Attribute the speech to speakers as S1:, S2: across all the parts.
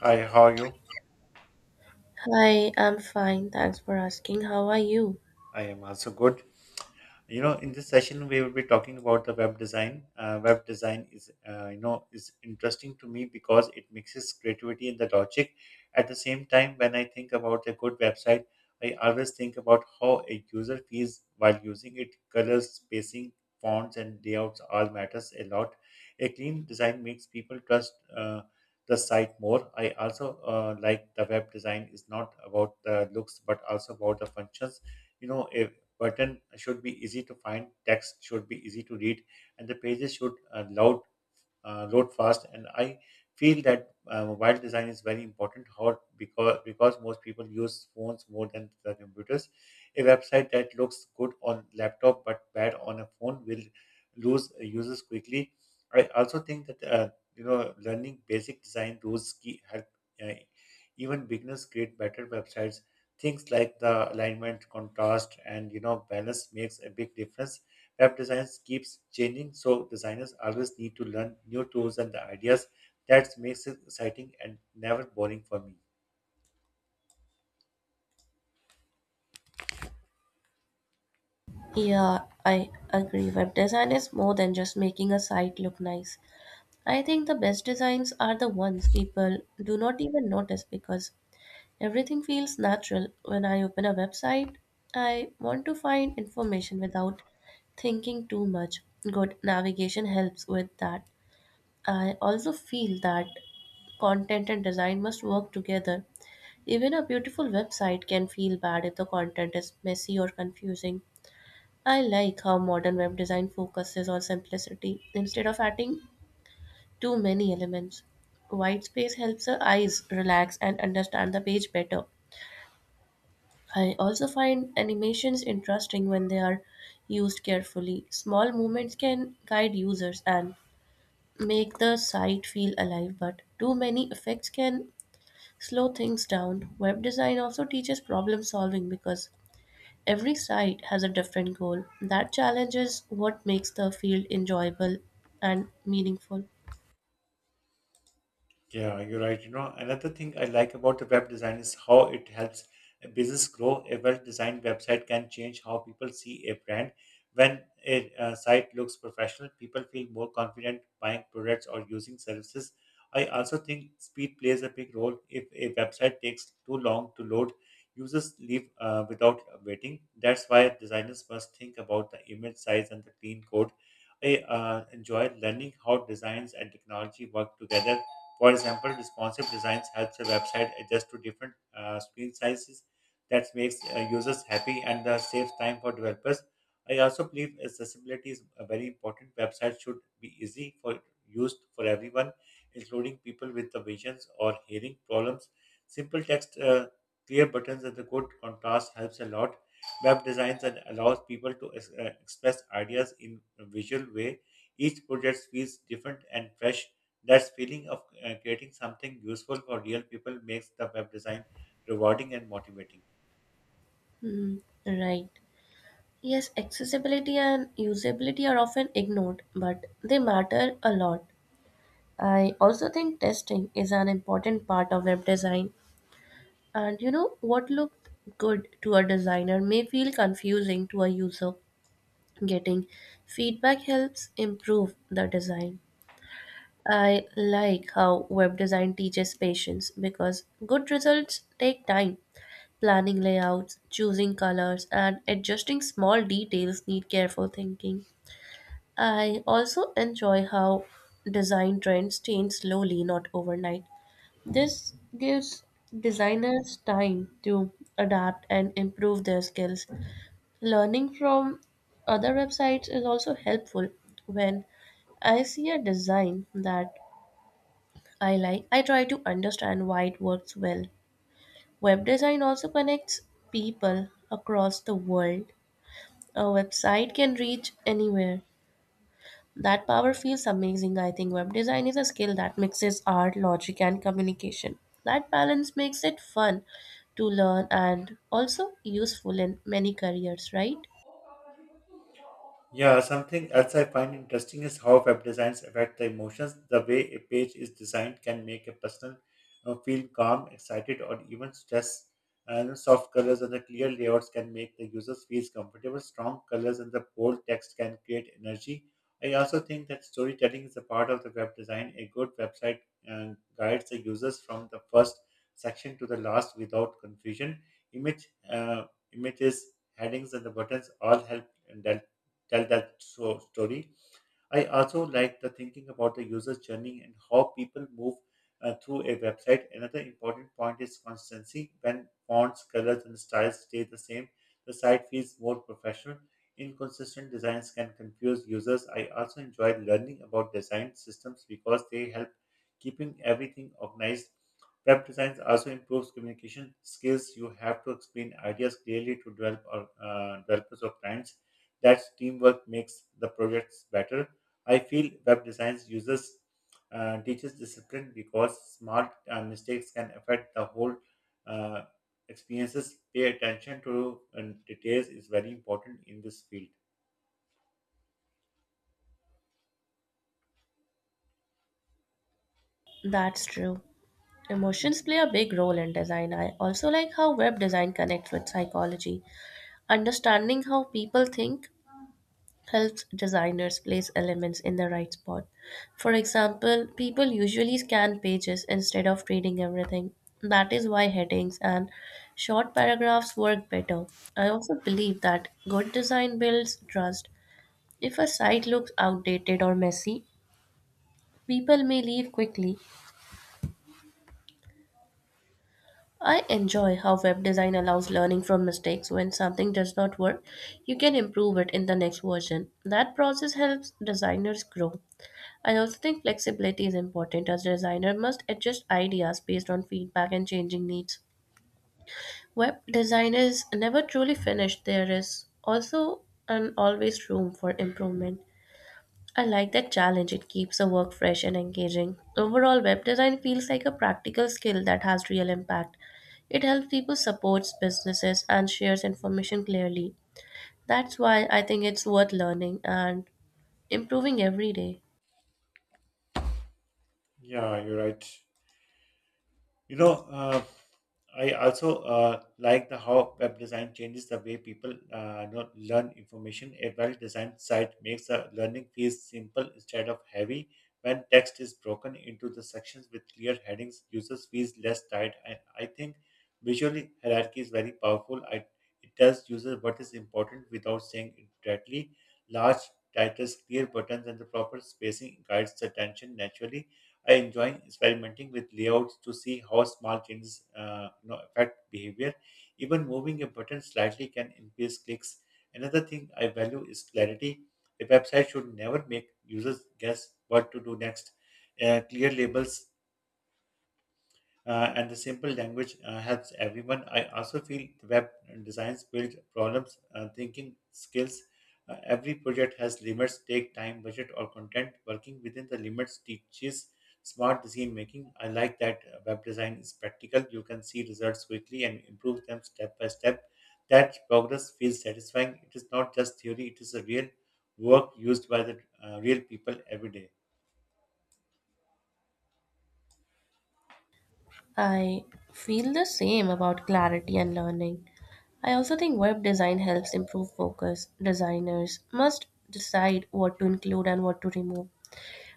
S1: Hi, how are you?
S2: Hi, I'm fine. Thanks for asking. How are you?
S1: I am also good. You know, in this session we will be talking about the web design. Web design is is interesting to me because it mixes creativity and the logic. At the same time, when I think about a good website, I always think about how a user feels while using it. Colors, spacing, fonts and layouts all matters a lot. A clean design makes people trust the site more. I also like the web design is not about the looks but also about the functions. A button should be easy to find, text should be easy to read, and the pages should loud load fast. And I feel that mobile design is very important. How because because most people use phones more than the computers. A website that looks good on laptop but bad on a phone will lose users quickly. I also think that learning basic design rules key help uh, even beginners create better websites. Things like the alignment, contrast, and balance makes a big difference. Web design keeps changing, so designers always need to learn new tools and the ideas. That makes it exciting and never boring for me.
S2: Yeah, I agree. Web design is more than just making a site look nice. I think the best designs are the ones people do not even notice because everything feels natural. When I open a website, I want to find information without thinking too much. Good navigation helps with that. I also feel that content and design must work together. Even a beautiful website can feel bad if the content is messy or confusing. I like how modern web design focuses on simplicity instead of adding too many elements. White space helps the eyes relax and understand the page better. I also find animations interesting when they are used carefully. Small movements can guide users and make the site feel alive, but too many effects can slow things down. Web design also teaches problem solving because every side has a different goal. That challenge is what makes the field enjoyable and meaningful.
S1: Yeah, you're right. You know, another thing I like about the web design is how it helps a business grow. A well-designed website can change how people see a brand. When a site looks professional, people feel more confident buying products or using services. I also think speed plays a big role. If a website takes too long to load, users leave without waiting. That's why designers must think about the image size and the clean code. I enjoy learning how designs and technology work together. For example, responsive designs helps a website adjust to different screen sizes. That makes users happy and saves time for developers. I also believe accessibility is a very important. Websites should be easy for used for everyone, including people with the visions or hearing problems. Simple text, clear buttons, and the good contrast helps a lot. Web designs and allows people to express ideas in a visual way. Each project feels different and fresh. That feeling of creating something useful for real people makes the web design rewarding and motivating.
S2: Hmm, right. Yes, accessibility and usability are often ignored, but they matter a lot. I also think testing is an important part of web design. And you know, what looked good to a designer may feel confusing to a user. Getting feedback helps improve the design. I like how web design teaches patience because good results take time. Planning layouts, choosing colors, and adjusting small details need careful thinking. I also enjoy how design trends change slowly, not overnight. This gives designers time to adapt and improve their skills. Learning from other websites is also helpful when I see a design that I like. I try to understand why it works well. Web design also connects people across the world. A website can reach anywhere. That power feels amazing. I think web design is a skill that mixes art, logic, and communication. That balance makes it fun to learn and also useful in many careers, right?
S1: Yeah, something else I find interesting is how web designs affect the emotions. The way a page is designed can make a person feel calm, excited, or even stressed. And soft colors and the clear layouts can make the users feel comfortable. Strong colors and the bold text can create energy. I also think that storytelling is a part of the web design. A good website guides the users from the first section to the last without confusion. Image, uh, Images, headings, and the buttons all help in tell that so, story. I also like the thinking about the user's journey and how people move through a website. Another important point is consistency. When fonts, colors, and styles stay the same, the site feels more professional. Inconsistent designs can confuse users. I also enjoy learning about design systems because they help keeping everything organized. Web design also improves communication skills. You have to explain ideas clearly to developers or clients. That teamwork makes the projects better. I feel web design uses teaches discipline because small mistakes can affect the whole uh, experiences. Pay attention to details is very important in this field.
S2: That's true. Emotions play a big role in design. I also like how web design connects with psychology. Understanding how people think helps designers place elements in the right spot. For example, people usually scan pages instead of reading everything. That is why headings and short paragraphs work better. I also believe that good design builds trust. If a site looks outdated or messy, people may leave quickly. I enjoy how web design allows learning from mistakes. When something does not work, you can improve it in the next version. That process helps designers grow. I also think flexibility is important as a designer must adjust ideas based on feedback and changing needs. Web design is never truly finished. There is also and always room for improvement. I like that challenge. It keeps the work fresh and engaging. Overall, web design feels like a practical skill that has real impact. It helps people supports businesses and shares information clearly. That's why I think it's worth learning and improving every day.
S1: Yeah, you're right. You know, uh, I also like the how web design changes the way people learn information. A well-designed site makes the learning feel simple instead of heavy. When text is broken into the sections with clear headings, users feel less tired. And I think visually hierarchy is very powerful. It tells users what is important without saying it directly. Large titles, clear buttons, and the proper spacing guides the attention naturally. I enjoy experimenting with layouts to see how small changes affect behavior. Even moving a button slightly can increase clicks. Another thing I value is clarity. A website should never make users guess what to do next. Clear labels and the simple language helps everyone. I also feel the web designs build problems, thinking skills. Every project has limits, take time, budget, or content. Working within the limits teaches smart decision making. I like that web design is practical. You can see results quickly and improve them step by step. That progress feels satisfying. It is not just theory, it is a real work used by the real people every day.
S2: I feel the same about clarity and learning. I also think web design helps improve focus. Designers must decide what to include and what to remove.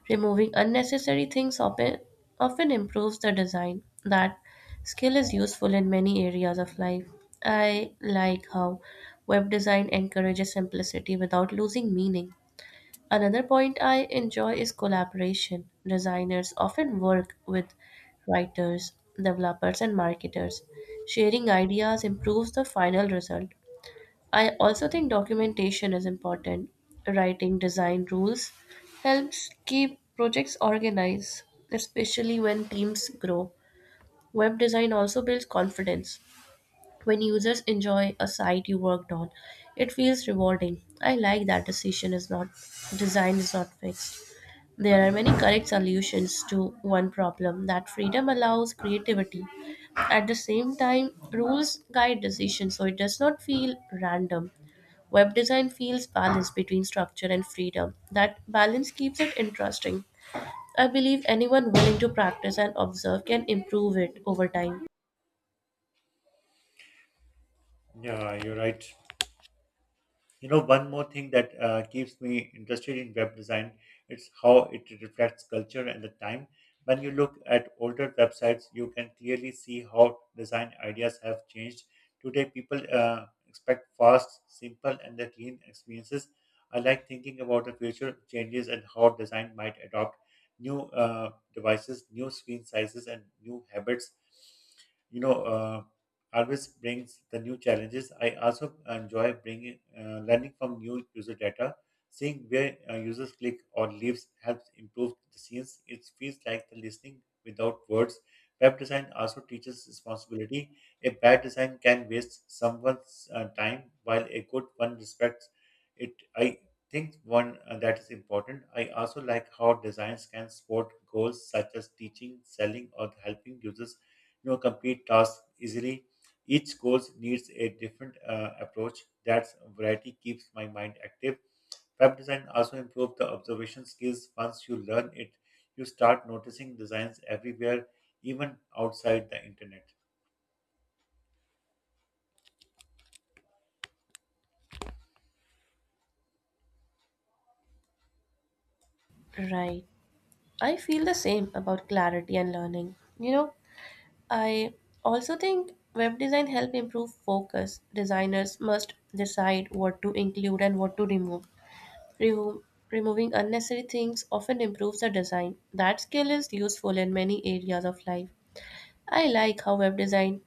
S2: Removing unnecessary things often, improves the design. That skill is useful in many areas of life. I like how web design encourages simplicity without losing meaning. Another point I enjoy is collaboration. Designers often work with writers, developers, and marketers. Sharing ideas improves the final result. I also think documentation is important. Writing design rules helps keep projects organized, especially when teams grow. Web design also builds confidence. When users enjoy a site you worked on, it feels rewarding. I like that decision is not design is not fixed. There are many correct solutions to one problem. That freedom allows creativity. At the same time, rules guide decisions so it does not feel random. Web design feels balanced between structure and freedom. That balance keeps it interesting. I believe anyone willing to practice and observe can improve it over time.
S1: Yeah, you're right. You know, one more thing that keeps me interested in web design is how it reflects culture and the time. When you look at older websites, you can clearly see how design ideas have changed. Today, people expect fast, simple, and the clean experiences. I like thinking about the future changes and how design might adopt new devices, new screen sizes, and new habits you know, uh, always brings the new challenges. I also enjoy bringing learning from new user data, seeing where users click or leaves helps improve the scenes. It feels like the listening without words. Web design also teaches responsibility. A bad design can waste someone's time, while a good one respects it. I think one that is important. I also like how designs can support goals such as teaching, selling, or helping users complete tasks easily. Each goal needs a different approach. That variety keeps my mind active. Web design also improves the observation skills. Once you learn it, you start noticing designs everywhere, even outside the internet.
S2: Right. I feel the same about clarity and learning. You know, I also think web design help improve focus. Designers must decide what to include and what to remove. Remo- Removing unnecessary things often improves the design. That skill is useful in many areas of life. I like how web design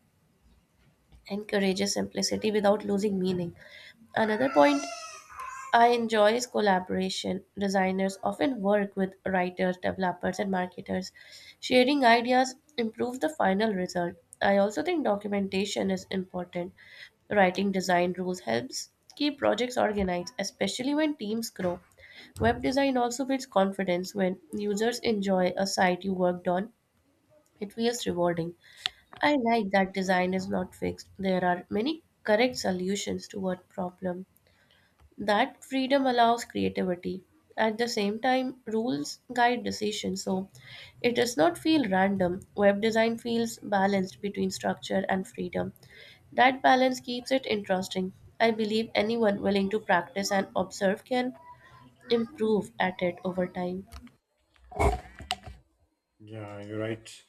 S2: encourages simplicity without losing meaning. Another point I enjoy is collaboration. Designers often work with writers, developers, and marketers. Sharing ideas improves the final result. I also think documentation is important. Writing design rules helps keep projects organized, especially when teams grow. Web design also builds confidence when users enjoy a site you worked on. It feels rewarding. I like that design is not fixed. There are many correct solutions to one problem. That freedom allows creativity. At the same time, rules guide decisions, so it does not feel random. Web design feels balanced between structure and freedom. That balance keeps it interesting. I believe anyone willing to practice and observe can improve at it over time.
S1: Yeah, you're right.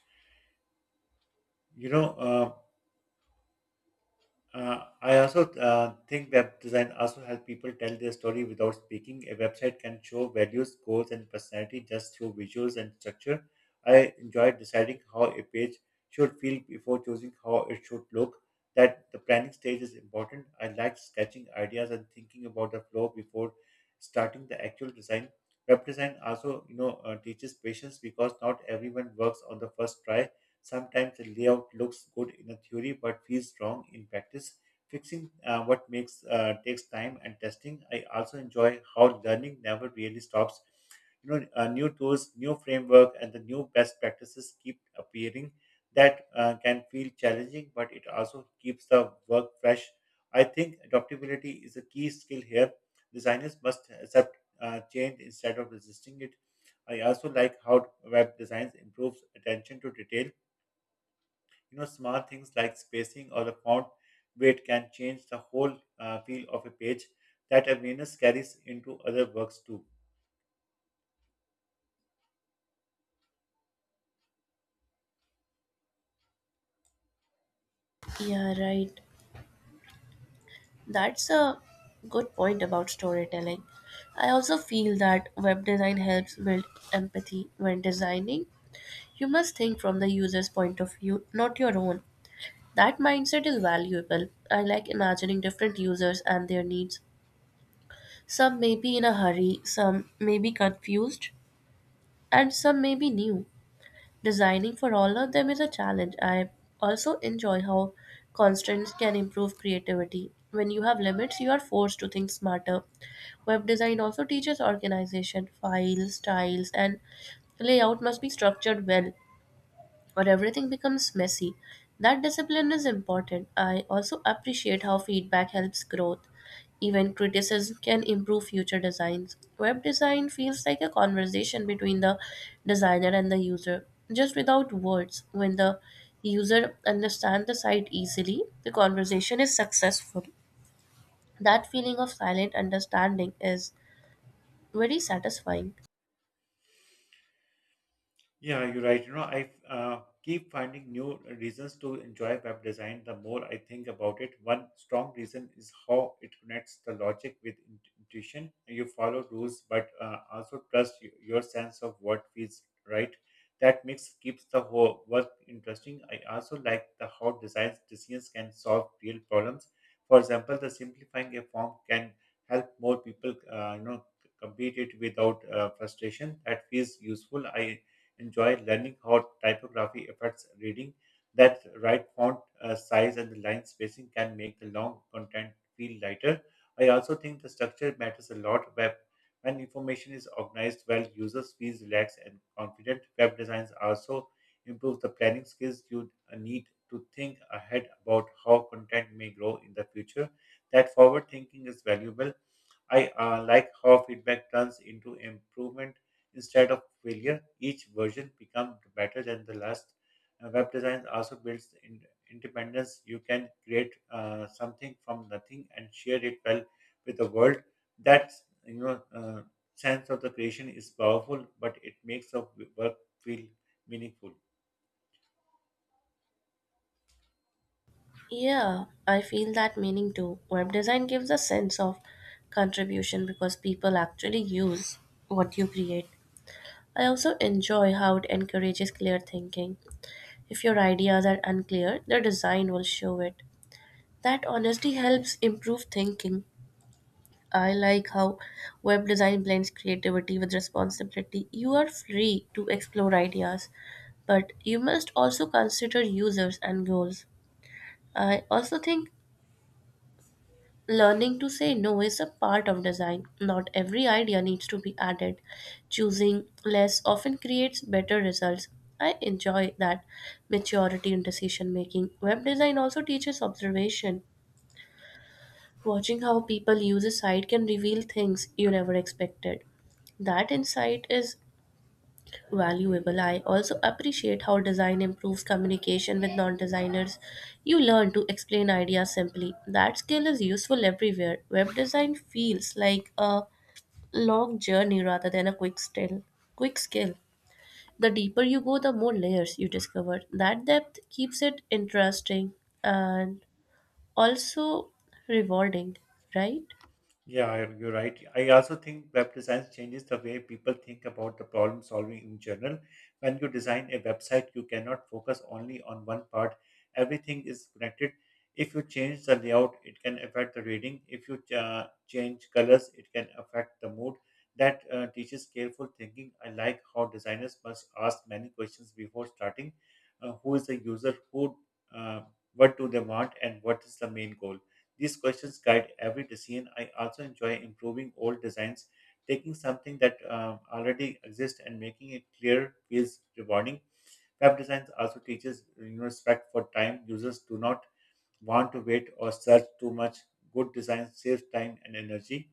S1: You know, uh, I also think web design also help people tell their story without speaking. A website can show values, goals, and personality just through visuals and structure. I enjoy deciding how a page should feel before choosing how it should look. That the planning stage is important. I like sketching ideas and thinking about the flow before starting the actual design. Web design also, teaches patience because not everyone works on the first try. Sometimes the layout looks good in a theory but feels wrong in practice. Fixing what makes takes time and testing. I also enjoy how learning never really stops. New tools, new framework, and the new best practices keep appearing. That can feel challenging, but it also keeps the work fresh. I think adaptability is a key skill here. Designers must accept change instead of resisting it. I also like how web designs improves attention to detail. You know, small things like spacing or the font weight can change the whole feel of a page. That awareness carries into other works too.
S2: Yeah, right. That's a good point about storytelling. I also feel that web design helps build empathy when designing. You must think from the user's point of view, not your own. That mindset is valuable. I like imagining different users and their needs. Some may be in a hurry, some may be confused, and some may be new. Designing for all of them is a challenge. I also enjoy how constraints can improve creativity. When you have limits, you are forced to think smarter. Web design also teaches organization, files, styles, and layout must be structured well, or everything becomes messy. That discipline is important. I also appreciate how feedback helps growth. Even criticism can improve future designs. Web design feels like a conversation between the designer and the user, just without words. When the user understands the site easily, the conversation is successful. That feeling of silent understanding is very satisfying.
S1: Yeah, you're right. You know, I keep finding new reasons to enjoy web design the more I think about it. One strong reason is how it connects the logic with intuition. You follow rules, but also trust your sense of what feels right. That mix keeps the whole work interesting. I also like the how design decisions can solve real problems. For example, the simplifying a form can help more people, complete it without frustration. That feels useful. I enjoy learning how typography affects reading. That right font size and the line spacing can make the long content feel lighter. I also think the structure matters a lot. Web when information is organized well, users feel relaxed and confident. Web designs also improve the planning skills you need to think ahead about how content may grow in the future. That forward thinking is valuable. I like how feedback turns into improvement instead of failure. Each version becomes better than the last. Web design also builds in independence. You can create something from nothing and share it well with the world. That you know uh, sense of the creation is powerful, but it makes the work feel meaningful.
S2: Yeah, I feel that meaning too. Web design gives a sense of contribution because people actually use what you create. I also enjoy how it encourages clear thinking. If your ideas are unclear, the design will show it. That honesty helps improve thinking. I like how web design blends creativity with responsibility. You are free to explore ideas, but you must also consider users and goals. I also think learning to say no is a part of design. Not every idea needs to be added. Choosing less often creates better results. I enjoy that maturity in decision making. Web design also teaches observation. Watching how people use a site can reveal things you never expected. That insight is valuable. I also appreciate how design improves communication with non designers. You learn to explain ideas simply. That skill is useful everywhere. Web design feels like a long journey rather than a quick skill. The deeper you go, the more layers you discover. That depth keeps it interesting and also rewarding, right?
S1: Yeah, you're right. I also think web design changes the way people think about the problem solving in general. When you design a website, you cannot focus only on one part. Everything is connected. If you change the layout, it can affect the reading. If you change colors, it can affect the mood. That teaches careful thinking. I like how designers must ask many questions before starting. Who is the user? Who? Uh, what do they want? And what is the main goal? These questions guide every decision. I also enjoy improving old designs, taking something that already exists and making it clear feels rewarding. Web design also teaches respect for time. Users do not want to wait or search too much. Good design saves time and energy.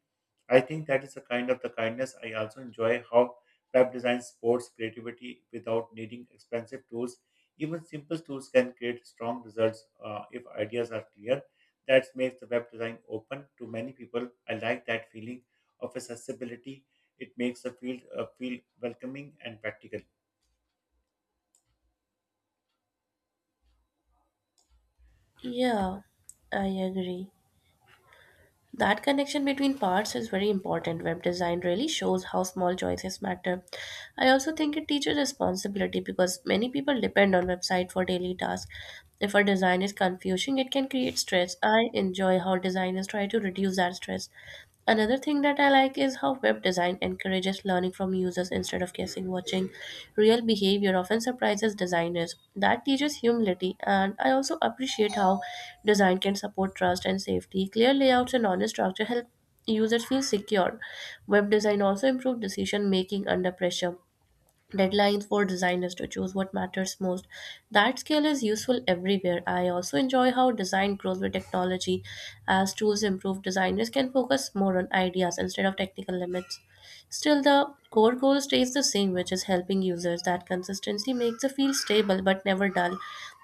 S1: I think that is a kind of the kindness. I also enjoy how web design supports creativity without needing expensive tools. Even simple tools can create strong results if ideas are clear. That makes the web design open to many people. I like that feeling of accessibility. It makes the field feel welcoming and practical.
S2: Yeah, I agree. That connection between parts is very important. Web design really shows how small choices matter. I also think it teaches responsibility because many people depend on website for daily tasks. If a design is confusing, it can create stress. I enjoy how designers try to reduce that stress. Another thing that I like is how web design encourages learning from users instead of guessing. Watching real behavior often surprises designers. That teaches humility, and I also appreciate how design can support trust and safety. Clear layouts and honest structure help users feel secure. Web design also improves decision making under pressure deadlines for designers to choose what matters most. That skill is useful everywhere. I also enjoy how design grows with technology. As tools improve, designers can focus more on ideas instead of technical limits. Still, the core goal stays the same, which is helping users. That consistency makes the field stable but never dull.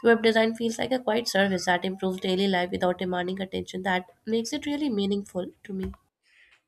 S2: Web design feels like a quiet service that improves daily life without demanding attention. That makes it really meaningful to me.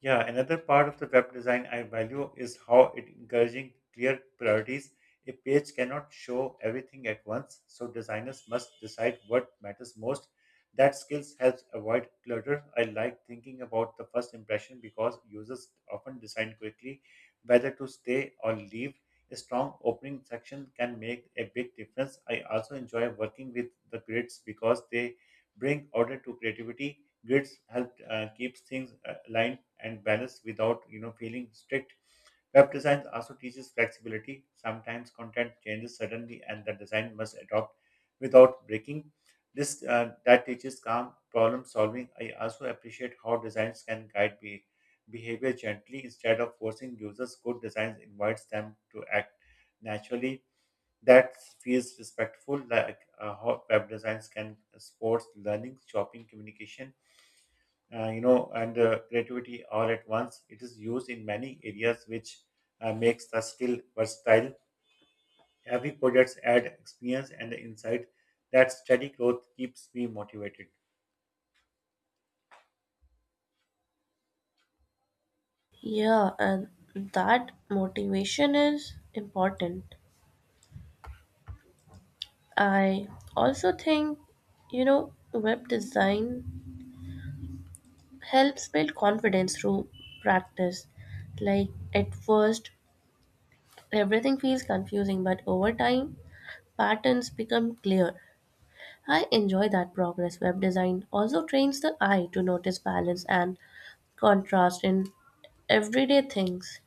S1: Yeah, another part of the web design I value is how it encouraging clear priorities. A page cannot show everything at once, so designers must decide what matters most. That skills helps avoid clutter. I like thinking about the first impression because users often decide quickly whether to stay or leave. A strong opening section can make a big difference. I also enjoy working with the grids because they bring order to creativity. Grids help keeps things aligned and balanced without feeling strict. Web design also teaches flexibility. Sometimes content changes suddenly and the design must adopt without breaking. This That teaches calm problem solving. I also appreciate how designs can guide behavior gently instead of forcing users. Good designs invites them to act naturally. That feels respectful, like how web designs can support learning, shopping, communication, you know, and creativity all at once. It is used in many areas, which makes the skill versatile. Every project adds experience and insight. That steady growth keeps me motivated.
S2: Yeah, and that motivation is important. I also think, you know, web design helps build confidence through practice. Like at first, everything feels confusing, but over time, patterns become clear. I enjoy that progress. Web design also trains the eye to notice balance and contrast in everyday things.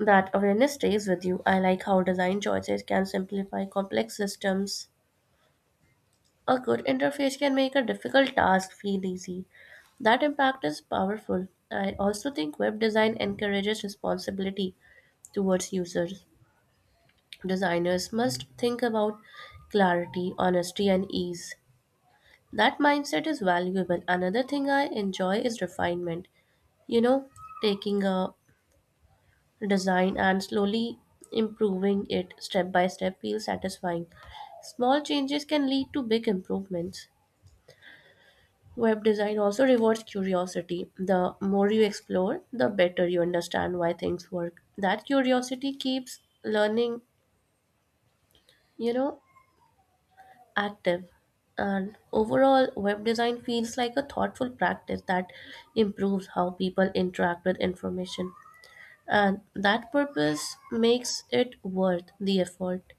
S2: That awareness stays with you. I like how design choices can simplify complex systems. A good interface can make a difficult task feel easy. That impact is powerful. I also think web design encourages responsibility towards users. Designers must think about clarity, honesty, and ease. That mindset is valuable. Another thing I enjoy is refinement. You know, taking a design and slowly improving it step by step feels satisfying. Small changes can lead to big improvements. Web design also rewards curiosity. The more you explore, the better you understand why things work. That curiosity keeps learning, you know, active. And overall, web design feels like a thoughtful practice that improves how people interact with information. And that purpose makes it worth the effort.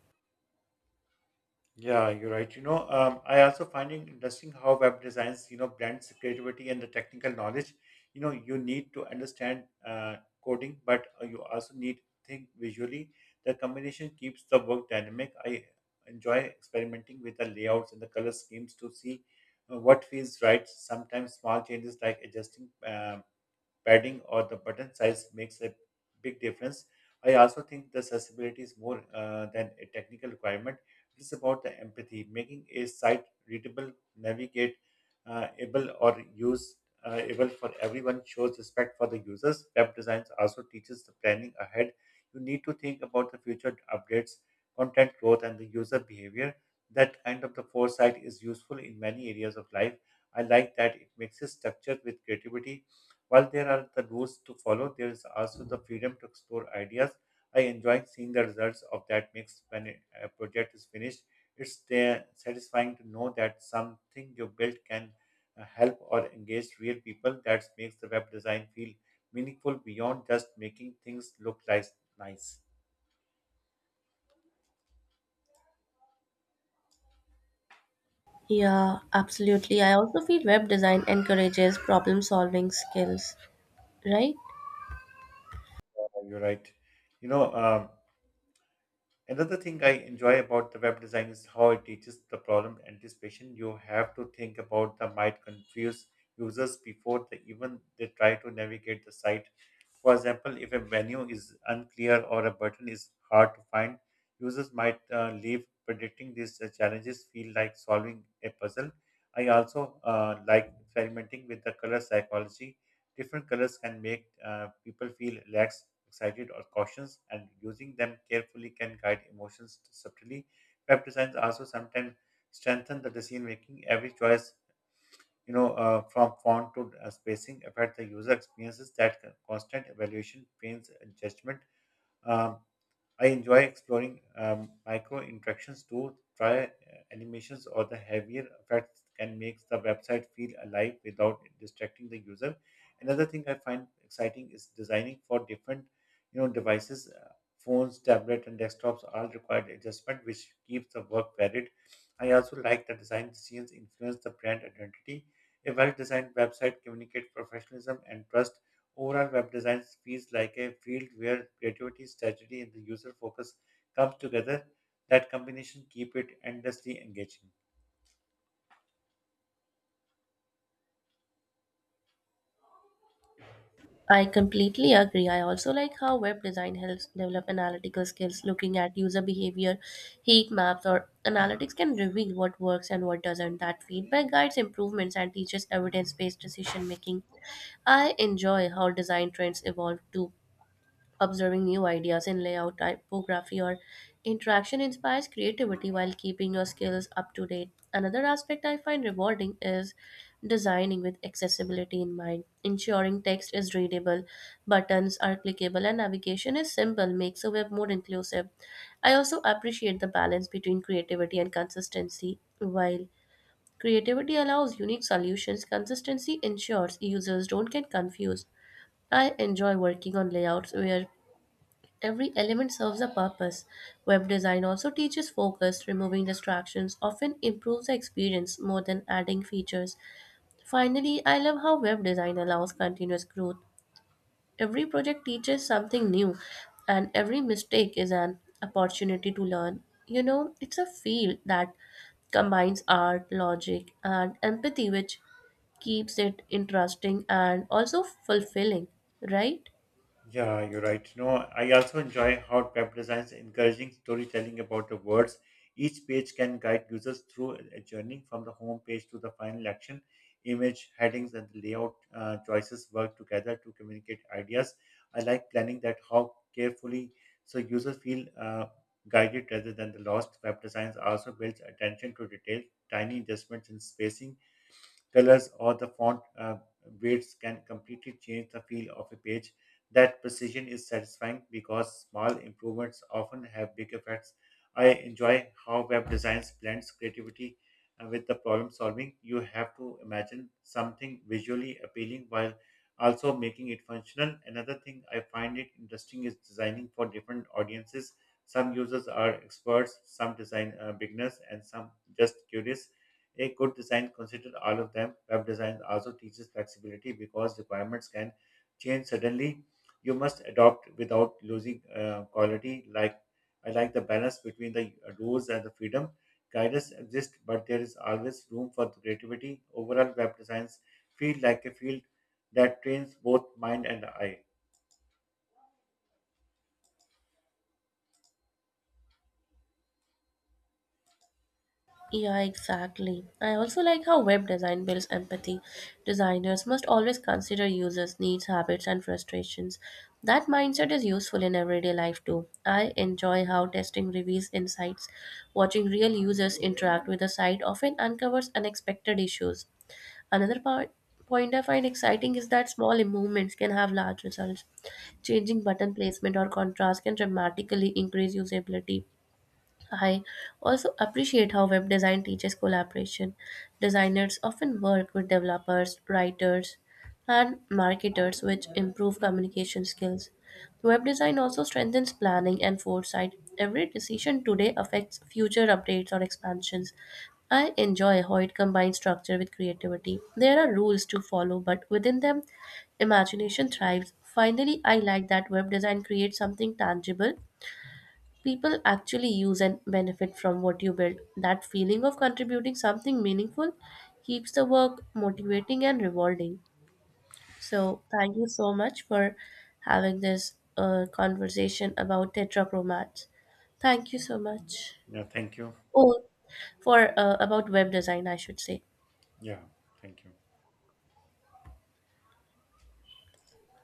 S1: Yeah, you're right. I also finding interesting how web designs, blends creativity and the technical knowledge. You know, you need to understand coding, but you also need to think visually. The combination keeps the work dynamic. I enjoy experimenting with the layouts and the color schemes to see what feels right. Sometimes small changes like adjusting padding or the button size makes a big difference. I also think the accessibility is more than a technical requirement. It is about the empathy, making a site readable, navigate, able or use able for everyone shows respect for the users. Web designs also teaches the planning ahead. You need to think about the future updates, content growth, and the user behavior. That kind of the foresight is useful in many areas of life. I like that it mixes structure with creativity. While there are the rules to follow, there is also the freedom to explore ideas. I enjoy seeing the results of that mix when a project is finished. It's satisfying to know that something you built can help or engage real people. That makes the web design feel meaningful beyond just making things look nice.
S2: Yeah, absolutely. I also feel web design encourages problem solving skills, right?
S1: You're right. You know, um, Another thing I enjoy about the web design is how it teaches the problem anticipation. You have to think about the might confuse users before they even they try to navigate the site. For example, if a menu is unclear or a button is hard to find, users might leave. Predicting these challenges feel like solving a puzzle. I also like experimenting with the color psychology. Different colors can make people feel relaxed, excited, or cautious, and using them carefully can guide emotions subtly. Web designs also sometimes strengthen the decision making. Every choice, from font to spacing, affect the user experiences. That constant evaluation trains judgment. Um, I enjoy exploring micro interactions too. Try Animations or the heavier effects can make the website feel alive without distracting the user. Another thing I find exciting is designing for different, devices. Phones, tablet, and desktops all required adjustment, which keeps the work varied. I also like that design decisions influence the brand identity. A well-designed website communicates professionalism and trust. Overall, web design feels like a field where creativity, strategy, and the user focus comes together. That combination keep it endlessly engaging.
S2: I completely agree. I also like how web design helps develop analytical skills. Looking at user behavior, heat maps, or analytics can reveal what works and what doesn't. That feedback guides improvements and teaches evidence based decision making. I enjoy how design trends evolve too. Observing new ideas in layout, typography, or interaction inspires creativity while keeping your skills up to date. Another aspect I find rewarding is designing with accessibility in mind. Ensuring text is readable, buttons are clickable, and navigation is simple makes a web more inclusive. I also appreciate the balance between creativity and consistency. While creativity allows unique solutions, consistency ensures users don't get confused. I enjoy working on layouts where every element serves a purpose. Web design also teaches focus, removing distractions often improves the experience more than adding features. Finally, I love how web design allows continuous growth. Every project teaches something new, and every mistake is an opportunity to learn. You know, it's a field that combines art, logic, and empathy, which keeps it interesting and also fulfilling, right?
S1: Yeah, you're right. I also enjoy how web designs encouraging storytelling about the words. Each page can guide users through a journey from the home page to the final action. Image, headings, and the layout choices work together to communicate ideas. I like planning that how carefully so users feel guided rather than the lost. Web designs also builds attention to detail. Tiny adjustments in spacing, colors, or the font weights can completely change the feel of a page. That precision is satisfying because small improvements often have big effects. I enjoy how web design blends creativity with the problem solving. You have to imagine something visually appealing while also making it functional. Another thing I find it interesting is designing for different audiences. Some users are experts, some design beginners, and some just curious. A good design considers all of them. Web design also teaches flexibility because requirements can change suddenly. You must adopt without losing quality. Like I like the balance between the rules and the freedom. Guidance exists, but there is always room for creativity. Overall, web designs feel like a field that trains both mind and eye.
S2: Yeah, exactly. I also like how web design builds empathy. Designers must always consider users' needs, habits, and frustrations. That mindset is useful in everyday life too. I enjoy how testing reveals insights. Watching real users interact with the site often uncovers unexpected issues. Another point I find exciting is that small improvements can have large results. Changing button placement or contrast can dramatically increase usability. I also appreciate how web design teaches collaboration. Designers often work with developers, writers, and marketers, which improve communication skills. Web design also strengthens planning and foresight. Every decision today affects future updates or expansions. I enjoy how it combines structure with creativity. There are rules to follow, but within them, imagination thrives. Finally, I like that web design creates something tangible people actually use and benefit from what you build. That feeling of contributing something meaningful keeps the work motivating and rewarding. So, thank you so much for having this conversation about tetrapromats. Thank you so much.
S1: Yeah, thank you.
S2: Oh, for about web design, I should say.
S1: Yeah, thank you.